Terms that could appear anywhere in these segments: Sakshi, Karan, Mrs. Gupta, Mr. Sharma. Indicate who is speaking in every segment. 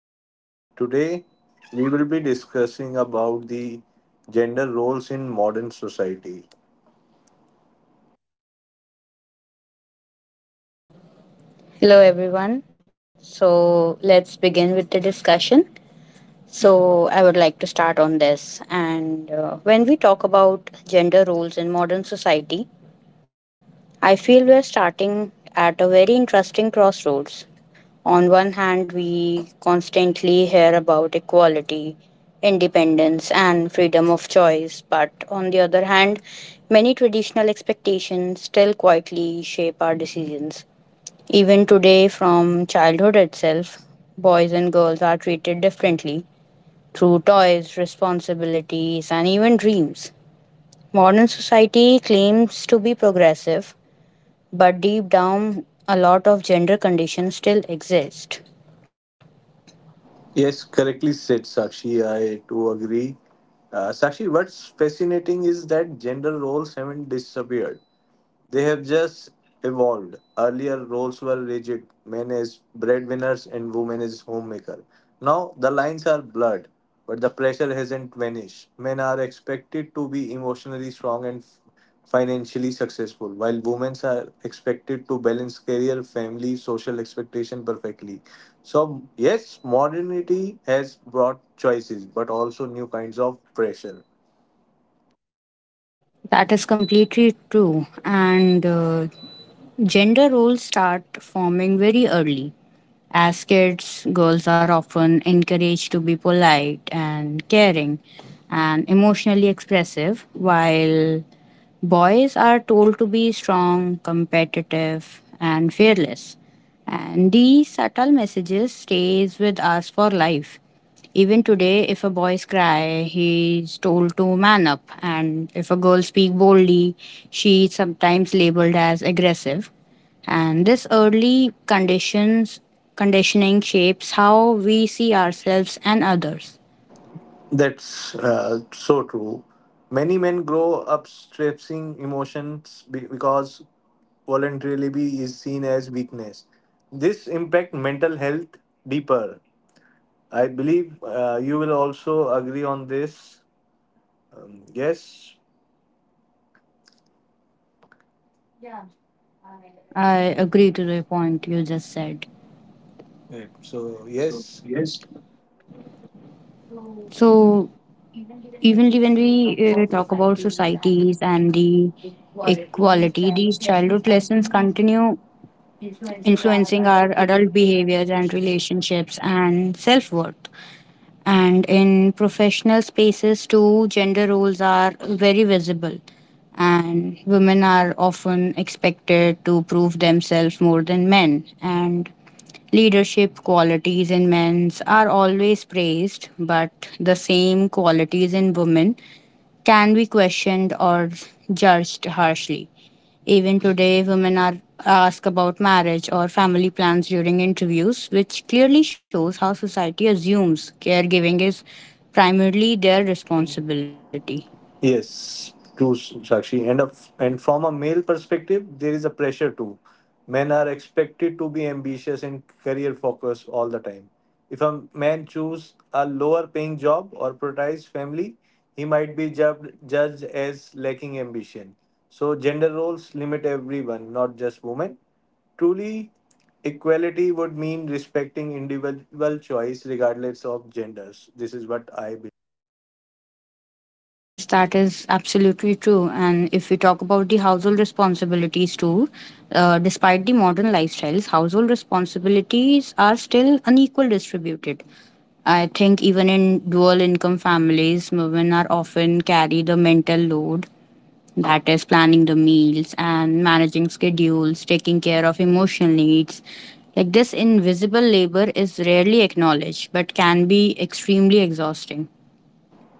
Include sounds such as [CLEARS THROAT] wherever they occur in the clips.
Speaker 1: Today we will be discussing about the gender roles in modern society.
Speaker 2: Hello, everyone. So, let's begin with the discussion. So, I would like to start on this. And When we talk about gender roles in modern society, I feel we're starting at a very interesting crossroads. On one hand, we constantly hear about equality, independence, and freedom of choice, but on the other hand, many traditional expectations still quietly shape our decisions. Even today, from childhood itself, boys and girls are treated differently through toys, responsibilities, and even dreams. Modern society claims to be progressive, but deep down, a lot of gender conditions still exist.
Speaker 1: Yes, correctly said Sakshi. I too agree. Sakshi, what's fascinating is that gender roles haven't disappeared. They have just evolved. Earlier, roles were rigid men as breadwinners and women as homemaker. Now, the lines are blurred, but the pressure hasn't vanished. Men are expected to be emotionally strong and financially successful, while women are expected to balance career, family, social expectation perfectly. So, yes, modernity has brought choices, but also new kinds of pressure.
Speaker 2: That is completely true. And Gender roles start forming very early. As kids, girls are often encouraged to be polite and caring and emotionally expressive, while boys are told to be strong, competitive, and fearless. And these subtle messages stays with us for life. Even today, if a boy's cry, he's told to man up, and if a girl speak boldly, she is sometimes labeled as aggressive. And this early conditions conditioning shapes how we see ourselves and others.
Speaker 1: That's so true. Many men grow up stressing emotions because vulnerability is seen as weakness. This impact mental health deeper. I believe you will also agree on this. Yes.
Speaker 2: Yeah, I agree to the point you just said.
Speaker 1: Right. So yes.
Speaker 2: So, even when we talk about societies and the equality, these childhood lessons continue influencing our adult behaviors and relationships and self worth. And in professional spaces, too, gender roles are very visible. And women are often expected to prove themselves more than men. And leadership qualities in men are always praised, but the same qualities in women can be questioned or judged harshly. Even today, women are asked about marriage or family plans during interviews, which clearly shows how society assumes caregiving is primarily their responsibility.
Speaker 1: Yes, true, Sakshi. And from a male perspective, there is a pressure too. Men are expected to be ambitious and career focused all the time. If a man chooses a lower paying job or prioritize family, he might be judged as lacking ambition. So gender roles limit everyone, not just women. Truly, equality would mean respecting individual choice regardless of genders. This is what I.
Speaker 2: Yes, that is absolutely true. And if we talk about the household responsibilities too, despite the modern lifestyles, household responsibilities are still unequal distributed. I think even in dual income families, women are often carry the mental load, that is planning the meals and managing schedules, taking care of emotional needs. Like this invisible labor is rarely acknowledged but can be extremely exhausting.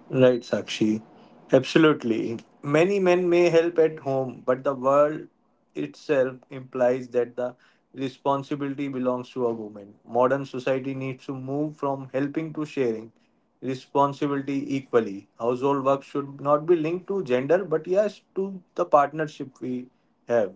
Speaker 1: Right, Sakshi. Absolutely. Many men may help at home, but the world itself implies that the responsibility belongs to a woman. Modern society needs to move from helping to sharing responsibility equally. Household work should not be linked to gender, but yes, to the partnership we have.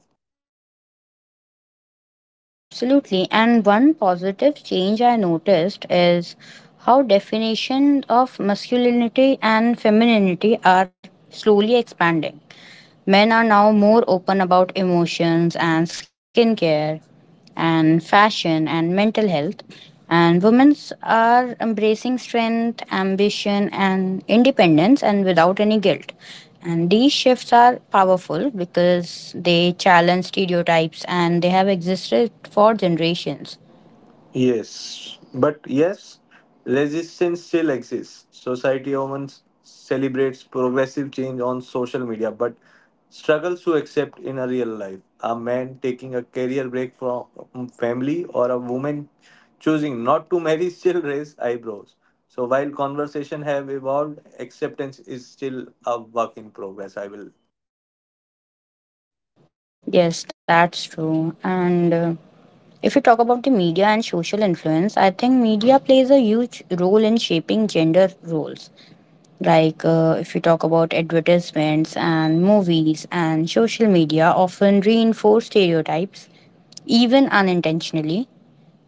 Speaker 2: Yes, absolutely. And one positive change I noticed is how definitions of masculinity and femininity are slowly expanding. Men are now more open about emotions and skincare and fashion and mental health, and women are embracing strength, ambition, and independence and without any guilt. And these shifts are powerful because they challenge stereotypes and they have existed for generations.
Speaker 1: Yes, resistance still exists. Society often celebrates progressive change on social media, but struggles to accept in a real life. A man taking a career break from family or a woman choosing not to marry [LAUGHS] still raise eyebrows. So while conversation have evolved, acceptance is still a work in progress. I will.
Speaker 2: Yes, that's true. And If you talk about the media and social influence, I think media plays a huge role in shaping gender roles. Like if you talk about advertisements and movies and social media often reinforce stereotypes, even unintentionally.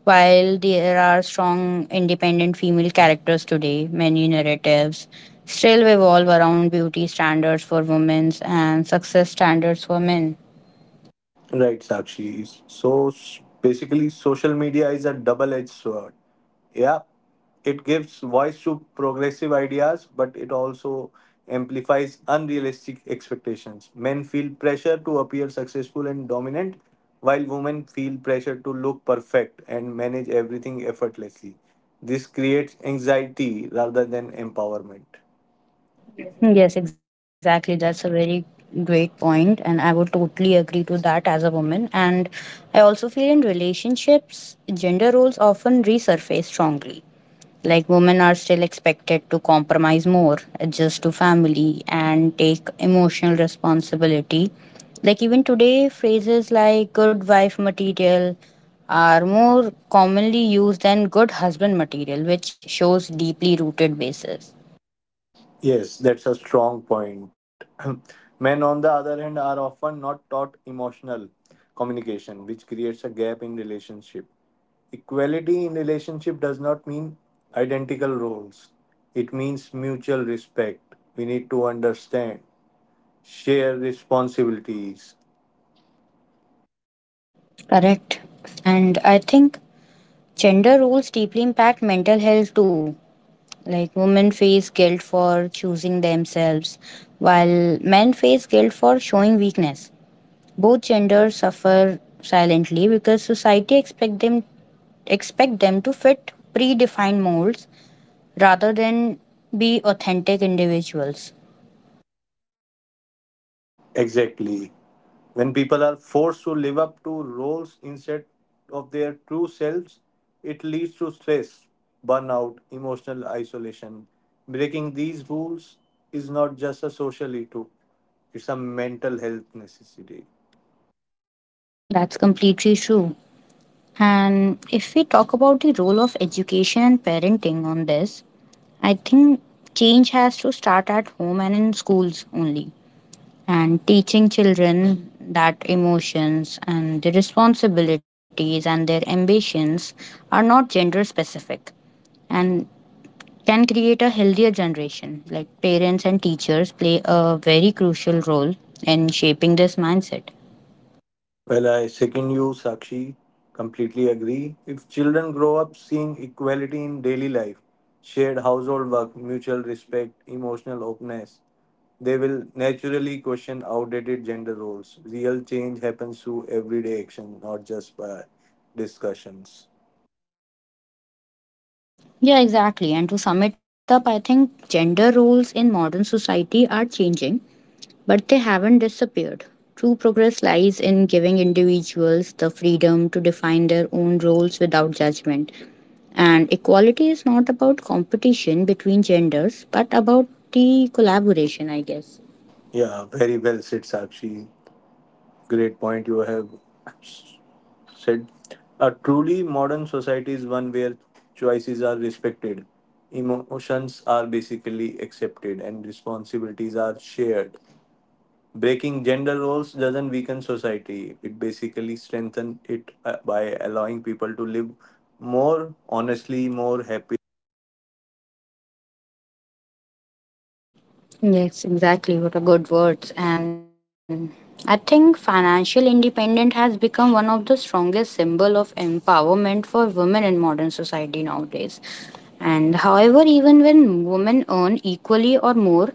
Speaker 2: While there are strong independent female characters today, many narratives still revolve around beauty standards for women and success standards for men.
Speaker 1: Right, Sakshi. So basically, social media is a double edged sword. Yeah, it gives voice to progressive ideas, but it also amplifies unrealistic expectations. Men feel pressure to appear successful and dominant, while women feel pressure to look perfect and manage everything effortlessly. This creates anxiety rather than empowerment.
Speaker 2: Yes, exactly. That's a very great point, and I would totally agree to that as a woman. And I also feel in relationships, gender roles often resurface strongly. Like women are still expected to compromise more, adjust to family, and take emotional responsibility. Like even today, phrases like good wife material are more commonly used than good husband material, which shows deeply rooted basis.
Speaker 1: Yes, that's a strong point. [CLEARS THROAT] Men, on the other hand, are often not taught emotional communication, which creates a gap in relationship. Equality in relationship does not mean identical roles. It means mutual respect. We need to understand, share responsibilities.
Speaker 2: Correct. And I think gender roles deeply impact mental health too. Like women face guilt for choosing themselves, while men face guilt for showing weakness. Both genders suffer silently because society expect them to fit predefined molds rather than be authentic individuals.
Speaker 1: Exactly. When people are forced to live up to roles instead of their true selves, it leads to stress, burnout, emotional isolation. Breaking these rules is not just a social issue, it's a mental health necessity.
Speaker 2: That's completely true. And if we talk about the role of education and parenting on this, I think change has to start at home and in schools only. And teaching children that emotions and the responsibilities and their ambitions are not gender specific and can create a healthier generation. Like parents and teachers play a very crucial role in shaping this mindset.
Speaker 1: Well, I second you, Sakshi. Completely agree. If children grow up seeing equality in daily life, shared household work, mutual respect, emotional openness, they will naturally question outdated gender roles. Real change happens through everyday action, not just by discussions.
Speaker 2: Yeah, exactly. And to sum it up, I think gender roles in modern society are changing, but they haven't disappeared. True progress lies in giving individuals the freedom to define their own roles without judgment. And equality is not about competition between genders, but about the collaboration, I guess.
Speaker 1: Yeah, very well said, Sakshi. Great point you have said. A truly modern society is one where choices are respected, emotions are basically accepted, and responsibilities are shared. Breaking gender roles doesn't weaken society, it basically strengthens it by allowing people to live more honestly, more happy.
Speaker 2: Yes, exactly. What a good words. And I think financial independence has become one of the strongest symbol of empowerment for women in modern society nowadays. And however, even when women earn equally or more,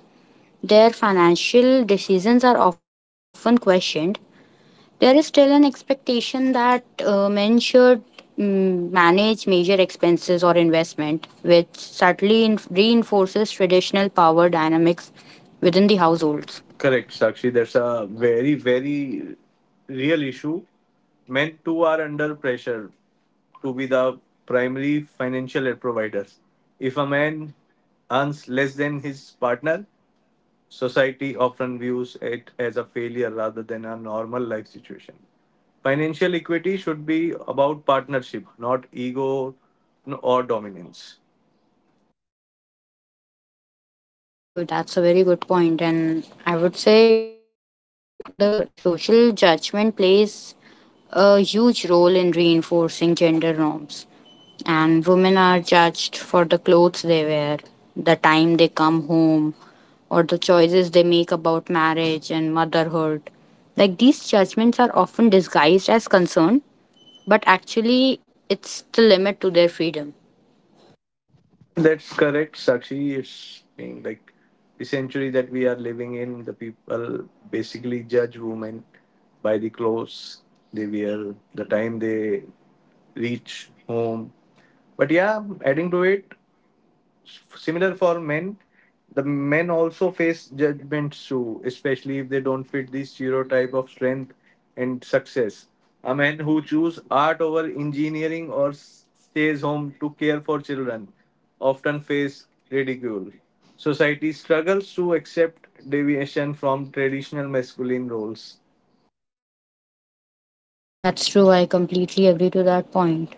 Speaker 2: their financial decisions are often questioned. There is still an expectation that men should manage major expenses or investment, which subtly reinforces traditional power dynamics within the households.
Speaker 1: Correct, Sakshi. That's a very, very real issue. Men too are under pressure to be the primary financial aid providers. If a man earns less than his partner, society often views it as a failure rather than a normal life situation. Financial equity should be about partnership, not ego or dominance.
Speaker 2: That's true. That's a very good point. And I would say the social judgment plays a huge role in reinforcing gender norms. And women are judged for the clothes they wear, the time they come home, or the choices they make about marriage and motherhood. Like these judgments are often disguised as concern, but actually, it's the limit to their freedom.
Speaker 1: That's correct, Sakshi. It's being like the century that we are living in, the people basically judge women by the clothes they wear, the time they reach home. But yeah, adding to it, similar for men the men also face judgments too, especially if they don't fit the stereotype of strength and success. A man who chooses art over engineering or stays home to care for children often face ridicule. Society struggles to accept deviation from traditional masculine roles.
Speaker 2: That's true. I completely agree to that point.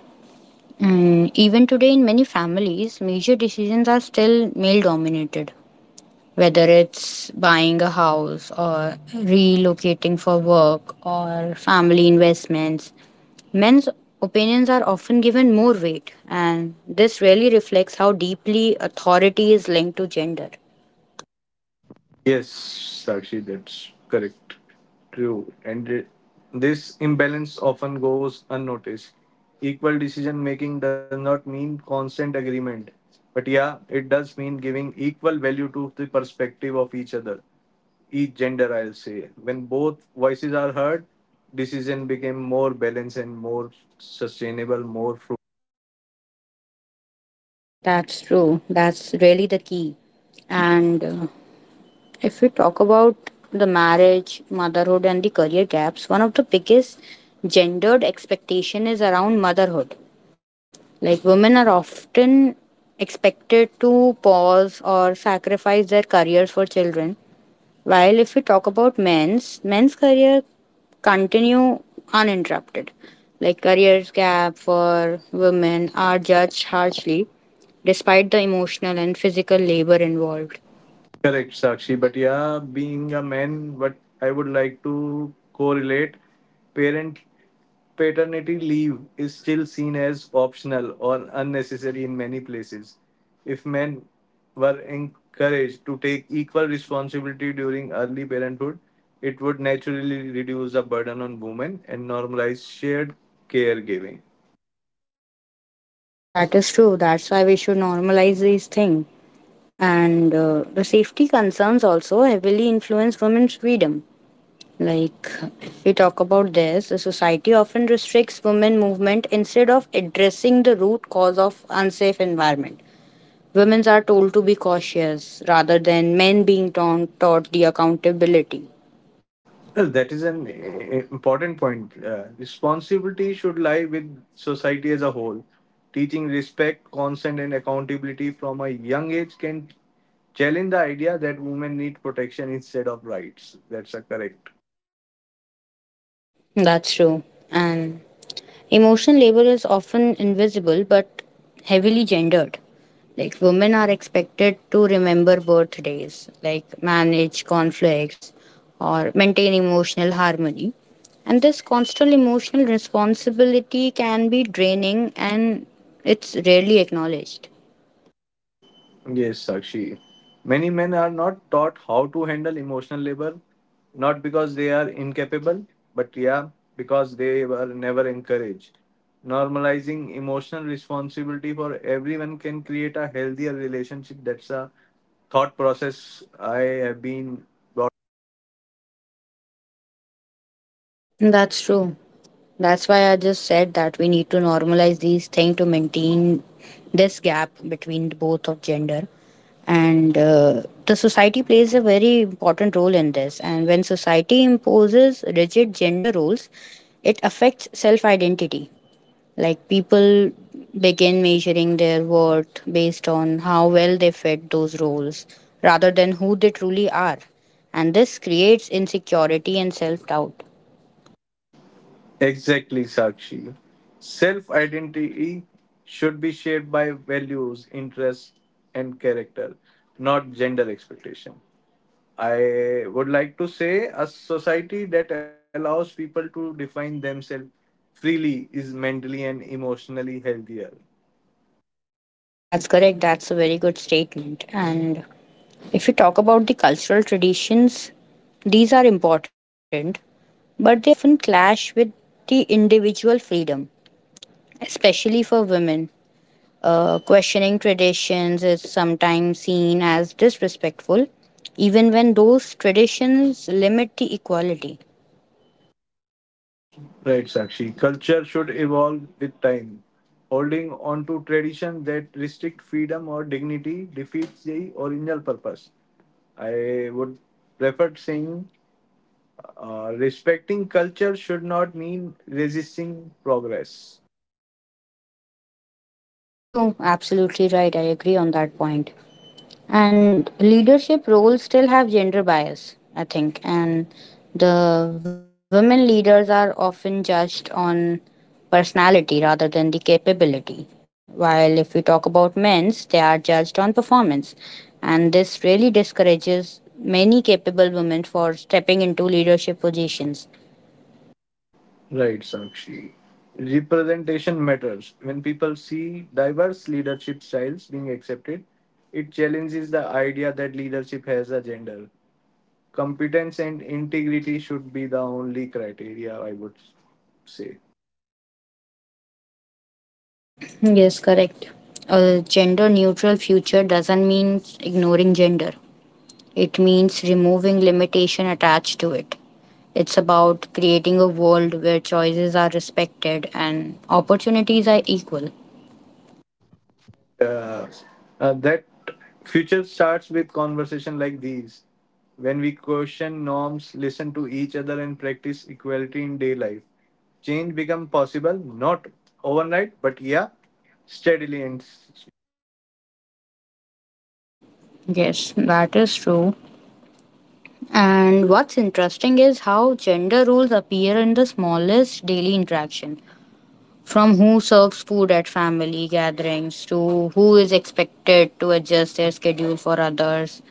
Speaker 2: And even today, in many families, major decisions are still male dominated, whether it's buying a house or relocating for work or family investments. Men's opinions are often given more weight, and this really reflects how deeply authority is linked to gender.
Speaker 1: Yes, Sakshi, that's correct. True. And this imbalance often goes unnoticed. Equal decision making does not mean constant agreement. But yeah, it does mean giving equal value to the perspective of each other, each gender, I'll say. When both voices are heard, decision became more balanced and more sustainable, more fruitful.
Speaker 2: That's true. That's really the key. And If we talk about the marriage, motherhood, and the career gaps, one of the biggest gendered expectation is around motherhood. Like women are often expected to pause or sacrifice their careers for children. While if we talk about men's career continue uninterrupted. Like careers gap for women are judged harshly despite the emotional and physical labor involved.
Speaker 1: Correct, Sakshi. But yeah, being a man, what I would like to correlate, parent paternity leave is still seen as optional or unnecessary in many places. If men were encouraged to take equal responsibility during early parenthood, it would naturally reduce the burden on women and normalize shared caregiving.
Speaker 2: That is true. That's why we should normalize these things. And The safety concerns also heavily influence women's freedom. Like, if we talk about this, the society often restricts women movement instead of addressing the root cause of unsafe environment. Women are told to be cautious rather than men being taught the accountability.
Speaker 1: Well, that is an important point. Responsibility should lie with society as a whole. Teaching respect, consent, and accountability from a young age can challenge the idea that women need protection instead of rights. That's a correct.
Speaker 2: That's true. And emotional labor is often invisible but heavily gendered. Like women are expected to remember birthdays, like manage conflicts or maintain emotional harmony. And this constant emotional responsibility can be draining and it's rarely acknowledged.
Speaker 1: Yes, Sakshi. Many men are not taught how to handle emotional labor, not because they are incapable, but yeah, because they were never encouraged. Normalizing emotional responsibility for everyone can create a healthier relationship. That's a thought process I have been got.
Speaker 2: That's true. That's why I just said that we need to normalize these things to maintain this gap between both of gender. And The society plays a very important role in this. And when society imposes rigid gender roles, it affects self identity. Like people begin measuring their worth based on how well they fit those roles rather than who they truly are. And this creates insecurity and self doubt.
Speaker 1: Exactly, Sakshi. Self identity should be shaped by values, interests, and character, not gender expectation. I would like to say a society that allows people to define themselves freely is mentally and emotionally healthier.
Speaker 2: That's correct. That's a very good statement. And if you talk about the cultural traditions, these are important, but they often clash with the individual freedom, especially for women. Questioning traditions is sometimes seen as disrespectful, even when those traditions limit the equality.
Speaker 1: Right, Sakshi. Culture should evolve with time. Holding on to tradition that restrict freedom or dignity defeats the original purpose. I would prefer saying, respecting culture should not mean resisting progress.
Speaker 2: True, absolutely right. I agree on that point. And leadership roles still have gender bias, I think, and the women leaders are often judged on personality rather than the capability, while if we talk about men's, they are judged on performance. And this really discourages many capable women for stepping into leadership positions.
Speaker 1: Right, Sakshi. Representation matters. When people see diverse leadership styles being accepted, it challenges the idea that leadership has a gender. Competence and integrity should be the only criteria, I would say.
Speaker 2: Yes, correct. A gender neutral future doesn't mean ignoring gender. It means removing limitation attached to it. It's about creating a world where choices are respected and opportunities are equal.
Speaker 1: uh, that future starts with conversation like these. When we question norms, listen to each other and practice equality in day life, change become possible, not overnight, but yeah, steadily and s-.
Speaker 2: Yes, that is true. And what's interesting is how gender roles appear in the smallest daily interaction. From who serves food at family gatherings to who is expected to adjust their schedule for others.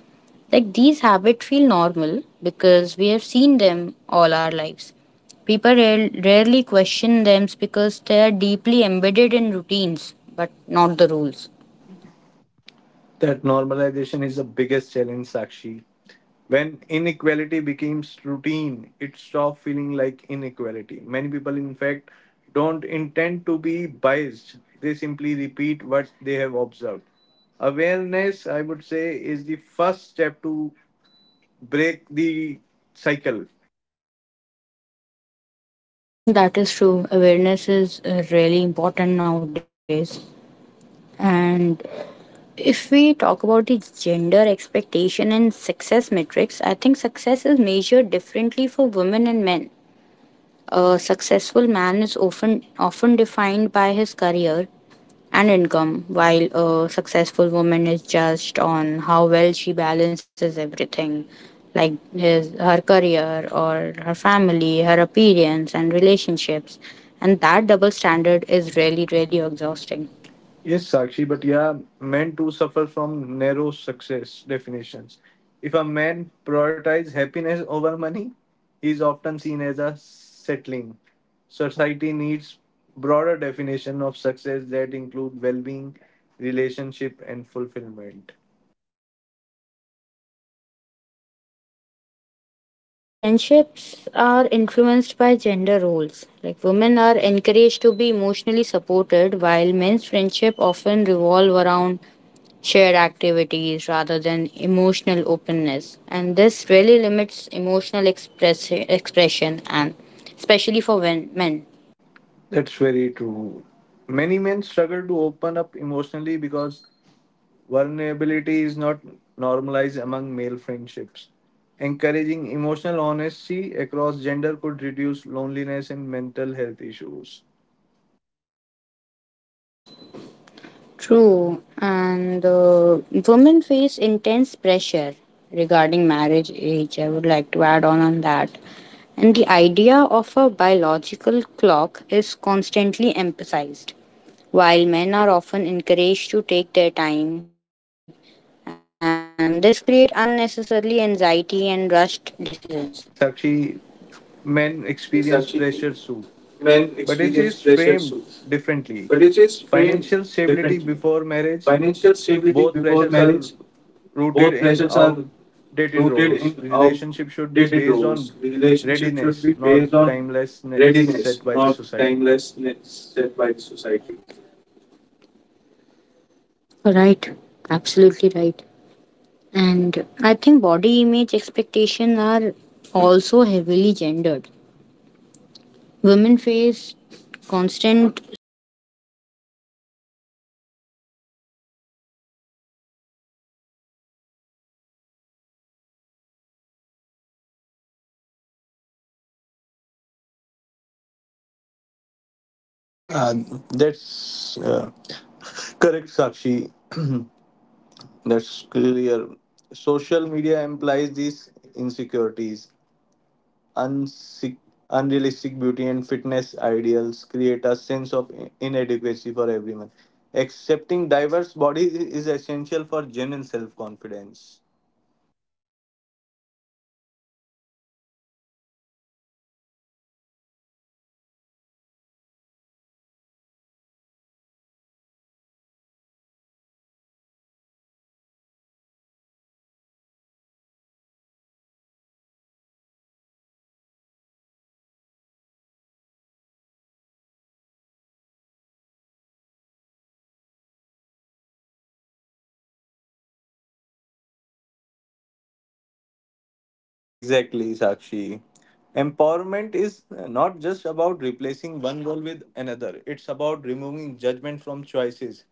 Speaker 2: Like these habits feel normal because we have seen them all our lives. People rarely question them because they are deeply embedded in routines, but not the rules.
Speaker 1: That normalization is the biggest challenge, Sakshi. When inequality becomes routine, it stops feeling like inequality. Many people, in fact, don't intend to be biased, they simply repeat what they have observed. Awareness, I would say, is the first step to break the cycle.
Speaker 2: That is true. Awareness is really important nowadays. And if we talk about the gender expectation and success metrics, I think success is measured differently for women and men. A successful man is often defined by his career and income, while a successful woman is judged on how well she balances everything, like his her career or her family, her appearance and relationships. And that double standard is really, really exhausting.
Speaker 1: Yes, Sakshi, but yeah, men too suffer from narrow success definitions. If a man prioritizes happiness over money, he is often seen as a settling. Society needs broader definition of success that include well-being, relationship, and fulfillment.
Speaker 2: That's true. And nowadays, even friendships are influenced by gender roles. Like, women are encouraged to be emotionally supported, while men's friendship often revolve around shared activities rather than emotional openness. And this really limits emotional expression, and especially for men.
Speaker 1: That's very true. Many men struggle to open up emotionally because vulnerability is not normalized among male friendships. Encouraging emotional honesty across gender could reduce loneliness and mental health issues.
Speaker 2: True, and women face intense pressure regarding marriage age. I would like to add on that. And the idea of a biological clock is constantly emphasized, while men are often encouraged to take their time, and this create unnecessarily anxiety and rushed decisions.
Speaker 1: Sakshi, men experience pressure too, but it is framed differently. Financial stability before marriage, both pressures are rooted in outdated roles. Relationship should be based on readiness, not timelessness set by the society.
Speaker 2: Right, absolutely right. And I think body image expectations are also heavily gendered. Women face constant scrutiny over weight and their complexion and aging, while men are pressured to appear strong and fit. And these standards really affect the self esteem and mental health.
Speaker 1: Uh,
Speaker 2: And
Speaker 1: that's correct, Sakshi. That's clear. Social media implies these insecurities. Unsick, unrealistic beauty and fitness ideals create a sense of inadequacy for everyone. Accepting diverse bodies is essential for genuine self confidence.
Speaker 2: that's true. Social media really plays an important role in this. And true, equality lies in freedom of choice. A woman choosing to be a homemaker or a man choosing caregiving roles should both be equally respected. The problem arises when choices are forced rather than freely made.
Speaker 1: Exactly, Sakshi. Empowerment is not just about replacing one role with another, it's about removing judgment from choices.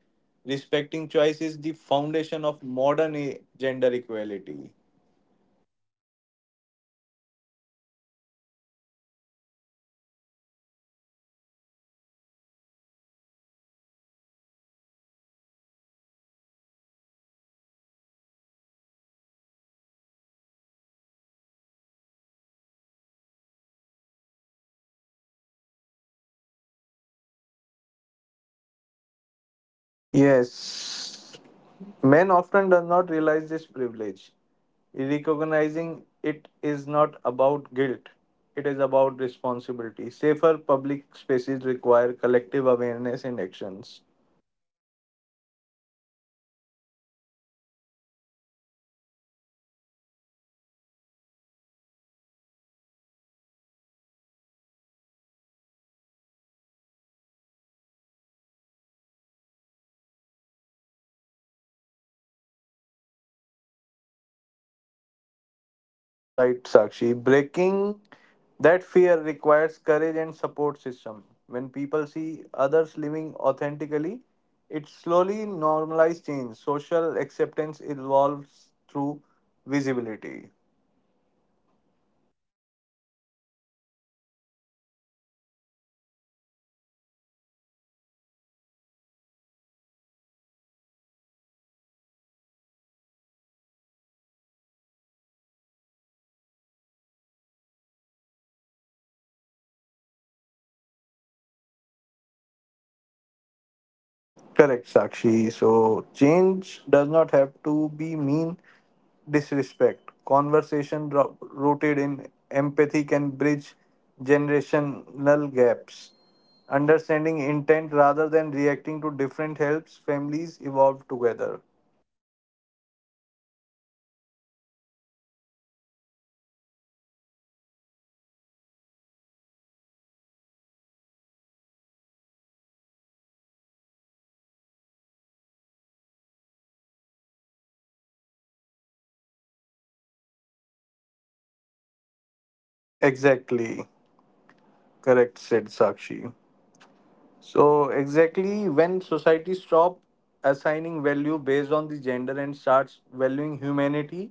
Speaker 1: Respecting choice is the foundation of modern gender equality.
Speaker 2: Right, correct. And public places, I think, still feel gendered. Like, women constantly calculate safety, what time it is, and how crowded the place is, what they're wearing. That mental checklist limits freedom in ways men, I think, rarely experience.
Speaker 1: Yes. Men often do not realize this privilege. Recognizing it is not about guilt, it is about responsibility. Safer public spaces require collective awareness and actions.
Speaker 2: Right, and many people live according to social approval rather than personal values. I've seen these days. Like, gender roles thrive on fear of judgment, what people will say, and how will this look. And this fear keeps outdated norms alive.
Speaker 1: Right, Sakshi. Breaking that fear requires courage and support system. When people see others living authentically, it slowly normalizes change. Social acceptance evolves through visibility.
Speaker 2: Right, and modern views on gender often clash with older generations. While elders may see tradition as stability, younger people see flexibility as freedom. And this gaps creates tension but also opens space for dialogue.
Speaker 1: Correct, Sakshi. So change does not have to be mean disrespect. Conversation rooted in empathy can bridge generational gaps. Understanding intent rather than reacting to different helps families evolve together.
Speaker 2: Right, and I think equality isn't about sameness, it's about fairness and recognizing different experiences, and providing equal respect and opportunity is what true equality looks like.
Speaker 1: Exactly. Correct, said Sakshi. So, exactly when society stop assigning value based on the gender and starts valuing humanity,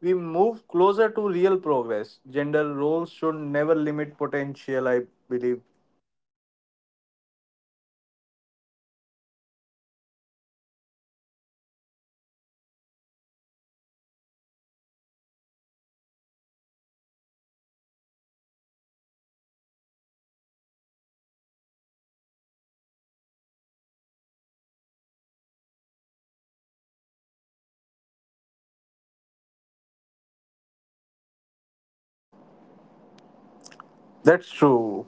Speaker 1: we move closer to real progress. Gender roles should never limit potential, I believe.
Speaker 2: Yes, that's absolutely right. And I think one of the biggest challenges to changing gender role is resistance, sometimes open, sometimes subtle. Many people fear that questioning traditional roles will disrupt family structures or cultural values. And I've seen this fear often comes from uncertainty, not malice, but it still slows progress.
Speaker 1: That's true.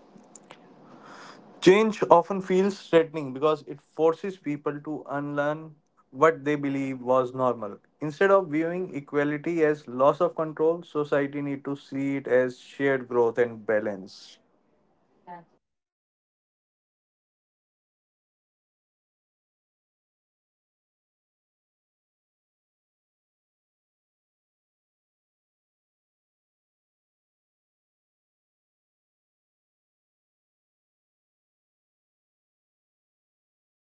Speaker 1: Change often feels threatening because it forces people to unlearn what they believe was normal. Instead of viewing equality as loss of control, society need to see it as shared growth and balance.
Speaker 2: That's it, true. And emotional expression remains highly gendered too, I guess. And women expressing emotions are often dismissed as overacting. While if you talk about men, they express their expressing emotions are told to suppress them.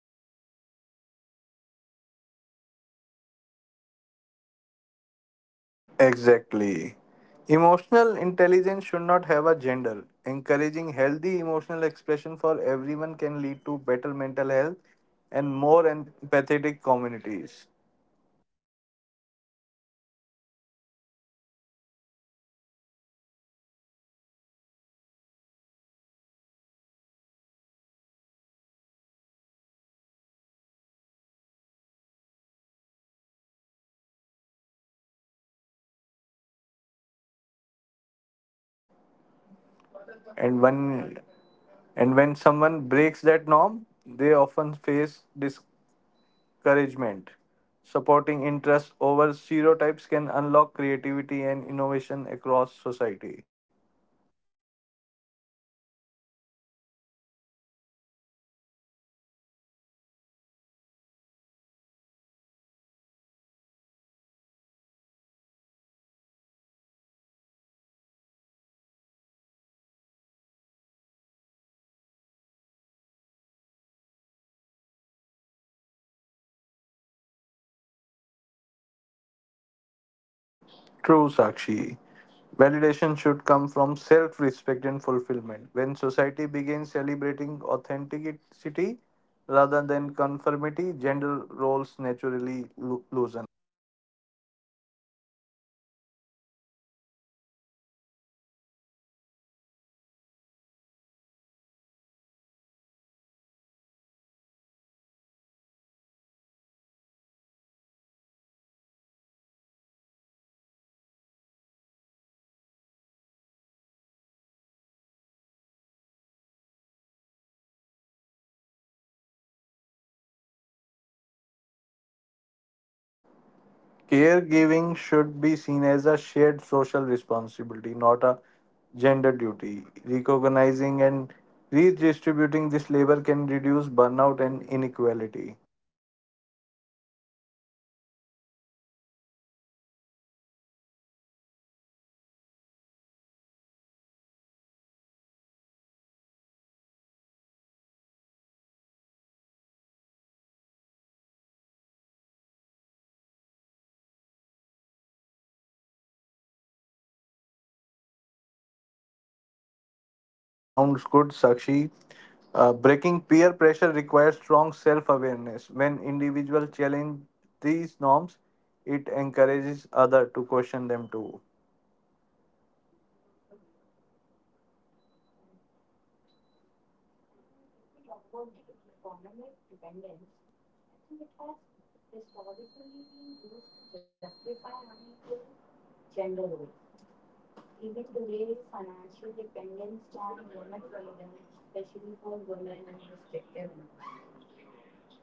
Speaker 2: And both reactions are harmful and deny people emotional authenticity.
Speaker 1: Exactly. Emotional intelligence should not have a gender. Encouraging healthy emotional expression for everyone can lead to better mental health and more empathetic communities.
Speaker 2: True. And even in education, gender roles influence subject choices. Like, girls are subtly guided toward humanities or safe careers, while boys are encouraged toward STEM or high risk fields. These patterns limit potentials on both sides.
Speaker 1: And when and when someone breaks that norm, they often face discouragement. Supporting interests over stereotypes can unlock creativity and innovation across society.
Speaker 2: That is true, and that is why I said society plays a very important role on this. Like, social validation plays a huge role in sustaining gender roles, and people often seek approval from families and peers, even at the cost of personal happiness. And this approval based living keeps outdated norms alive.
Speaker 1: True, Sakshi. Validation should come from self respect and fulfillment. When society begins celebrating authenticity rather than conformity, gender roles naturally loosen.
Speaker 2: So, and if we talk about the gender roles in caregiving beyond parenting, I think caregiving isn't limited to parenting. Taking care of elderly parents or sick family members still falls largely on women. And this unpaid labor is rarely acknowledged, but it is deeply impactful.
Speaker 1: Caregiving should be seen as a shared social responsibility, not a gender duty. Recognizing and redistributing this labor can reduce burnout and inequality.
Speaker 2: That's true. That's a very good point. And I think peer pressure also reinforces gender roles strongly. Like, men feel pressure to appear confident and dominant, while women feel pressure to be agreeable and accommodating. Like, these expectations shape behavior even in adulthood.
Speaker 1: Sounds good, Sakshi. Breaking peer pressure requires strong self awareness. When individuals challenge these norms, it encourages others to question them too.
Speaker 2: Correct. And if we talk about the economic dependence, I think it has historically been used to justify unequal gender roles. Even today, financial dependence can limit freedom, especially for women in restrictive environments.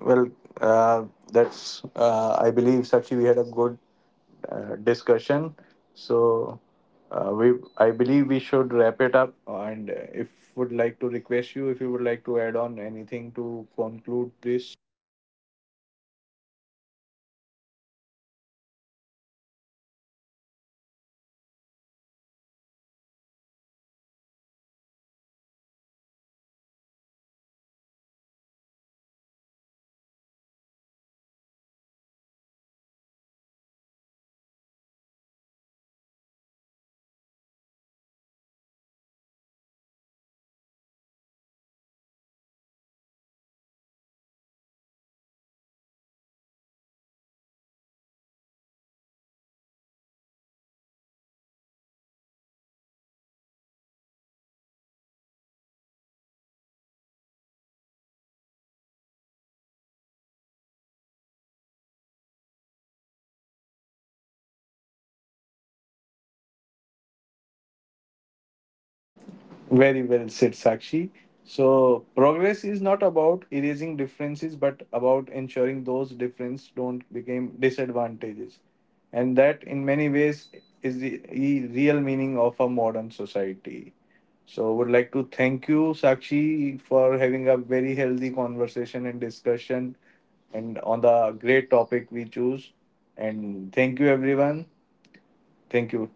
Speaker 1: Well, uh, I believe, Sakshi, we had a good discussion. So, I believe we should wrap it up. And if would like to request you, if you would like to add on anything to conclude this.
Speaker 2: Yes, absolutely. Let's wrap this up. And I think we had a really good discussion on this topic. And as we come to the end of this conversation, what stand out to me the most is that gender roles are not just social expectations. They are deeply personal experiences that shape how people live and how they love and how they see themselves. Like, modern society has made progress, but the progress doesn't mean completion. True equality will come only when people are no longer judged for the roles they choose or refuse to play. Whether it's a woman choosing ambition or rest, or a man choosing vulnerability or caregiving, dignity must remain constant. And gender equality is not about proving strength, it's about allowing humanity.
Speaker 1: Very well said, Sakshi. So, progress is not about erasing differences, but about ensuring those differences don't become disadvantages. And that, in many ways, is the real meaning of a modern society. So, would like to thank you, Sakshi, for having a very healthy conversation and discussion and on the great topic we choose. And thank you, everyone. Thank you.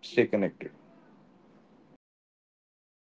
Speaker 1: Stay connected.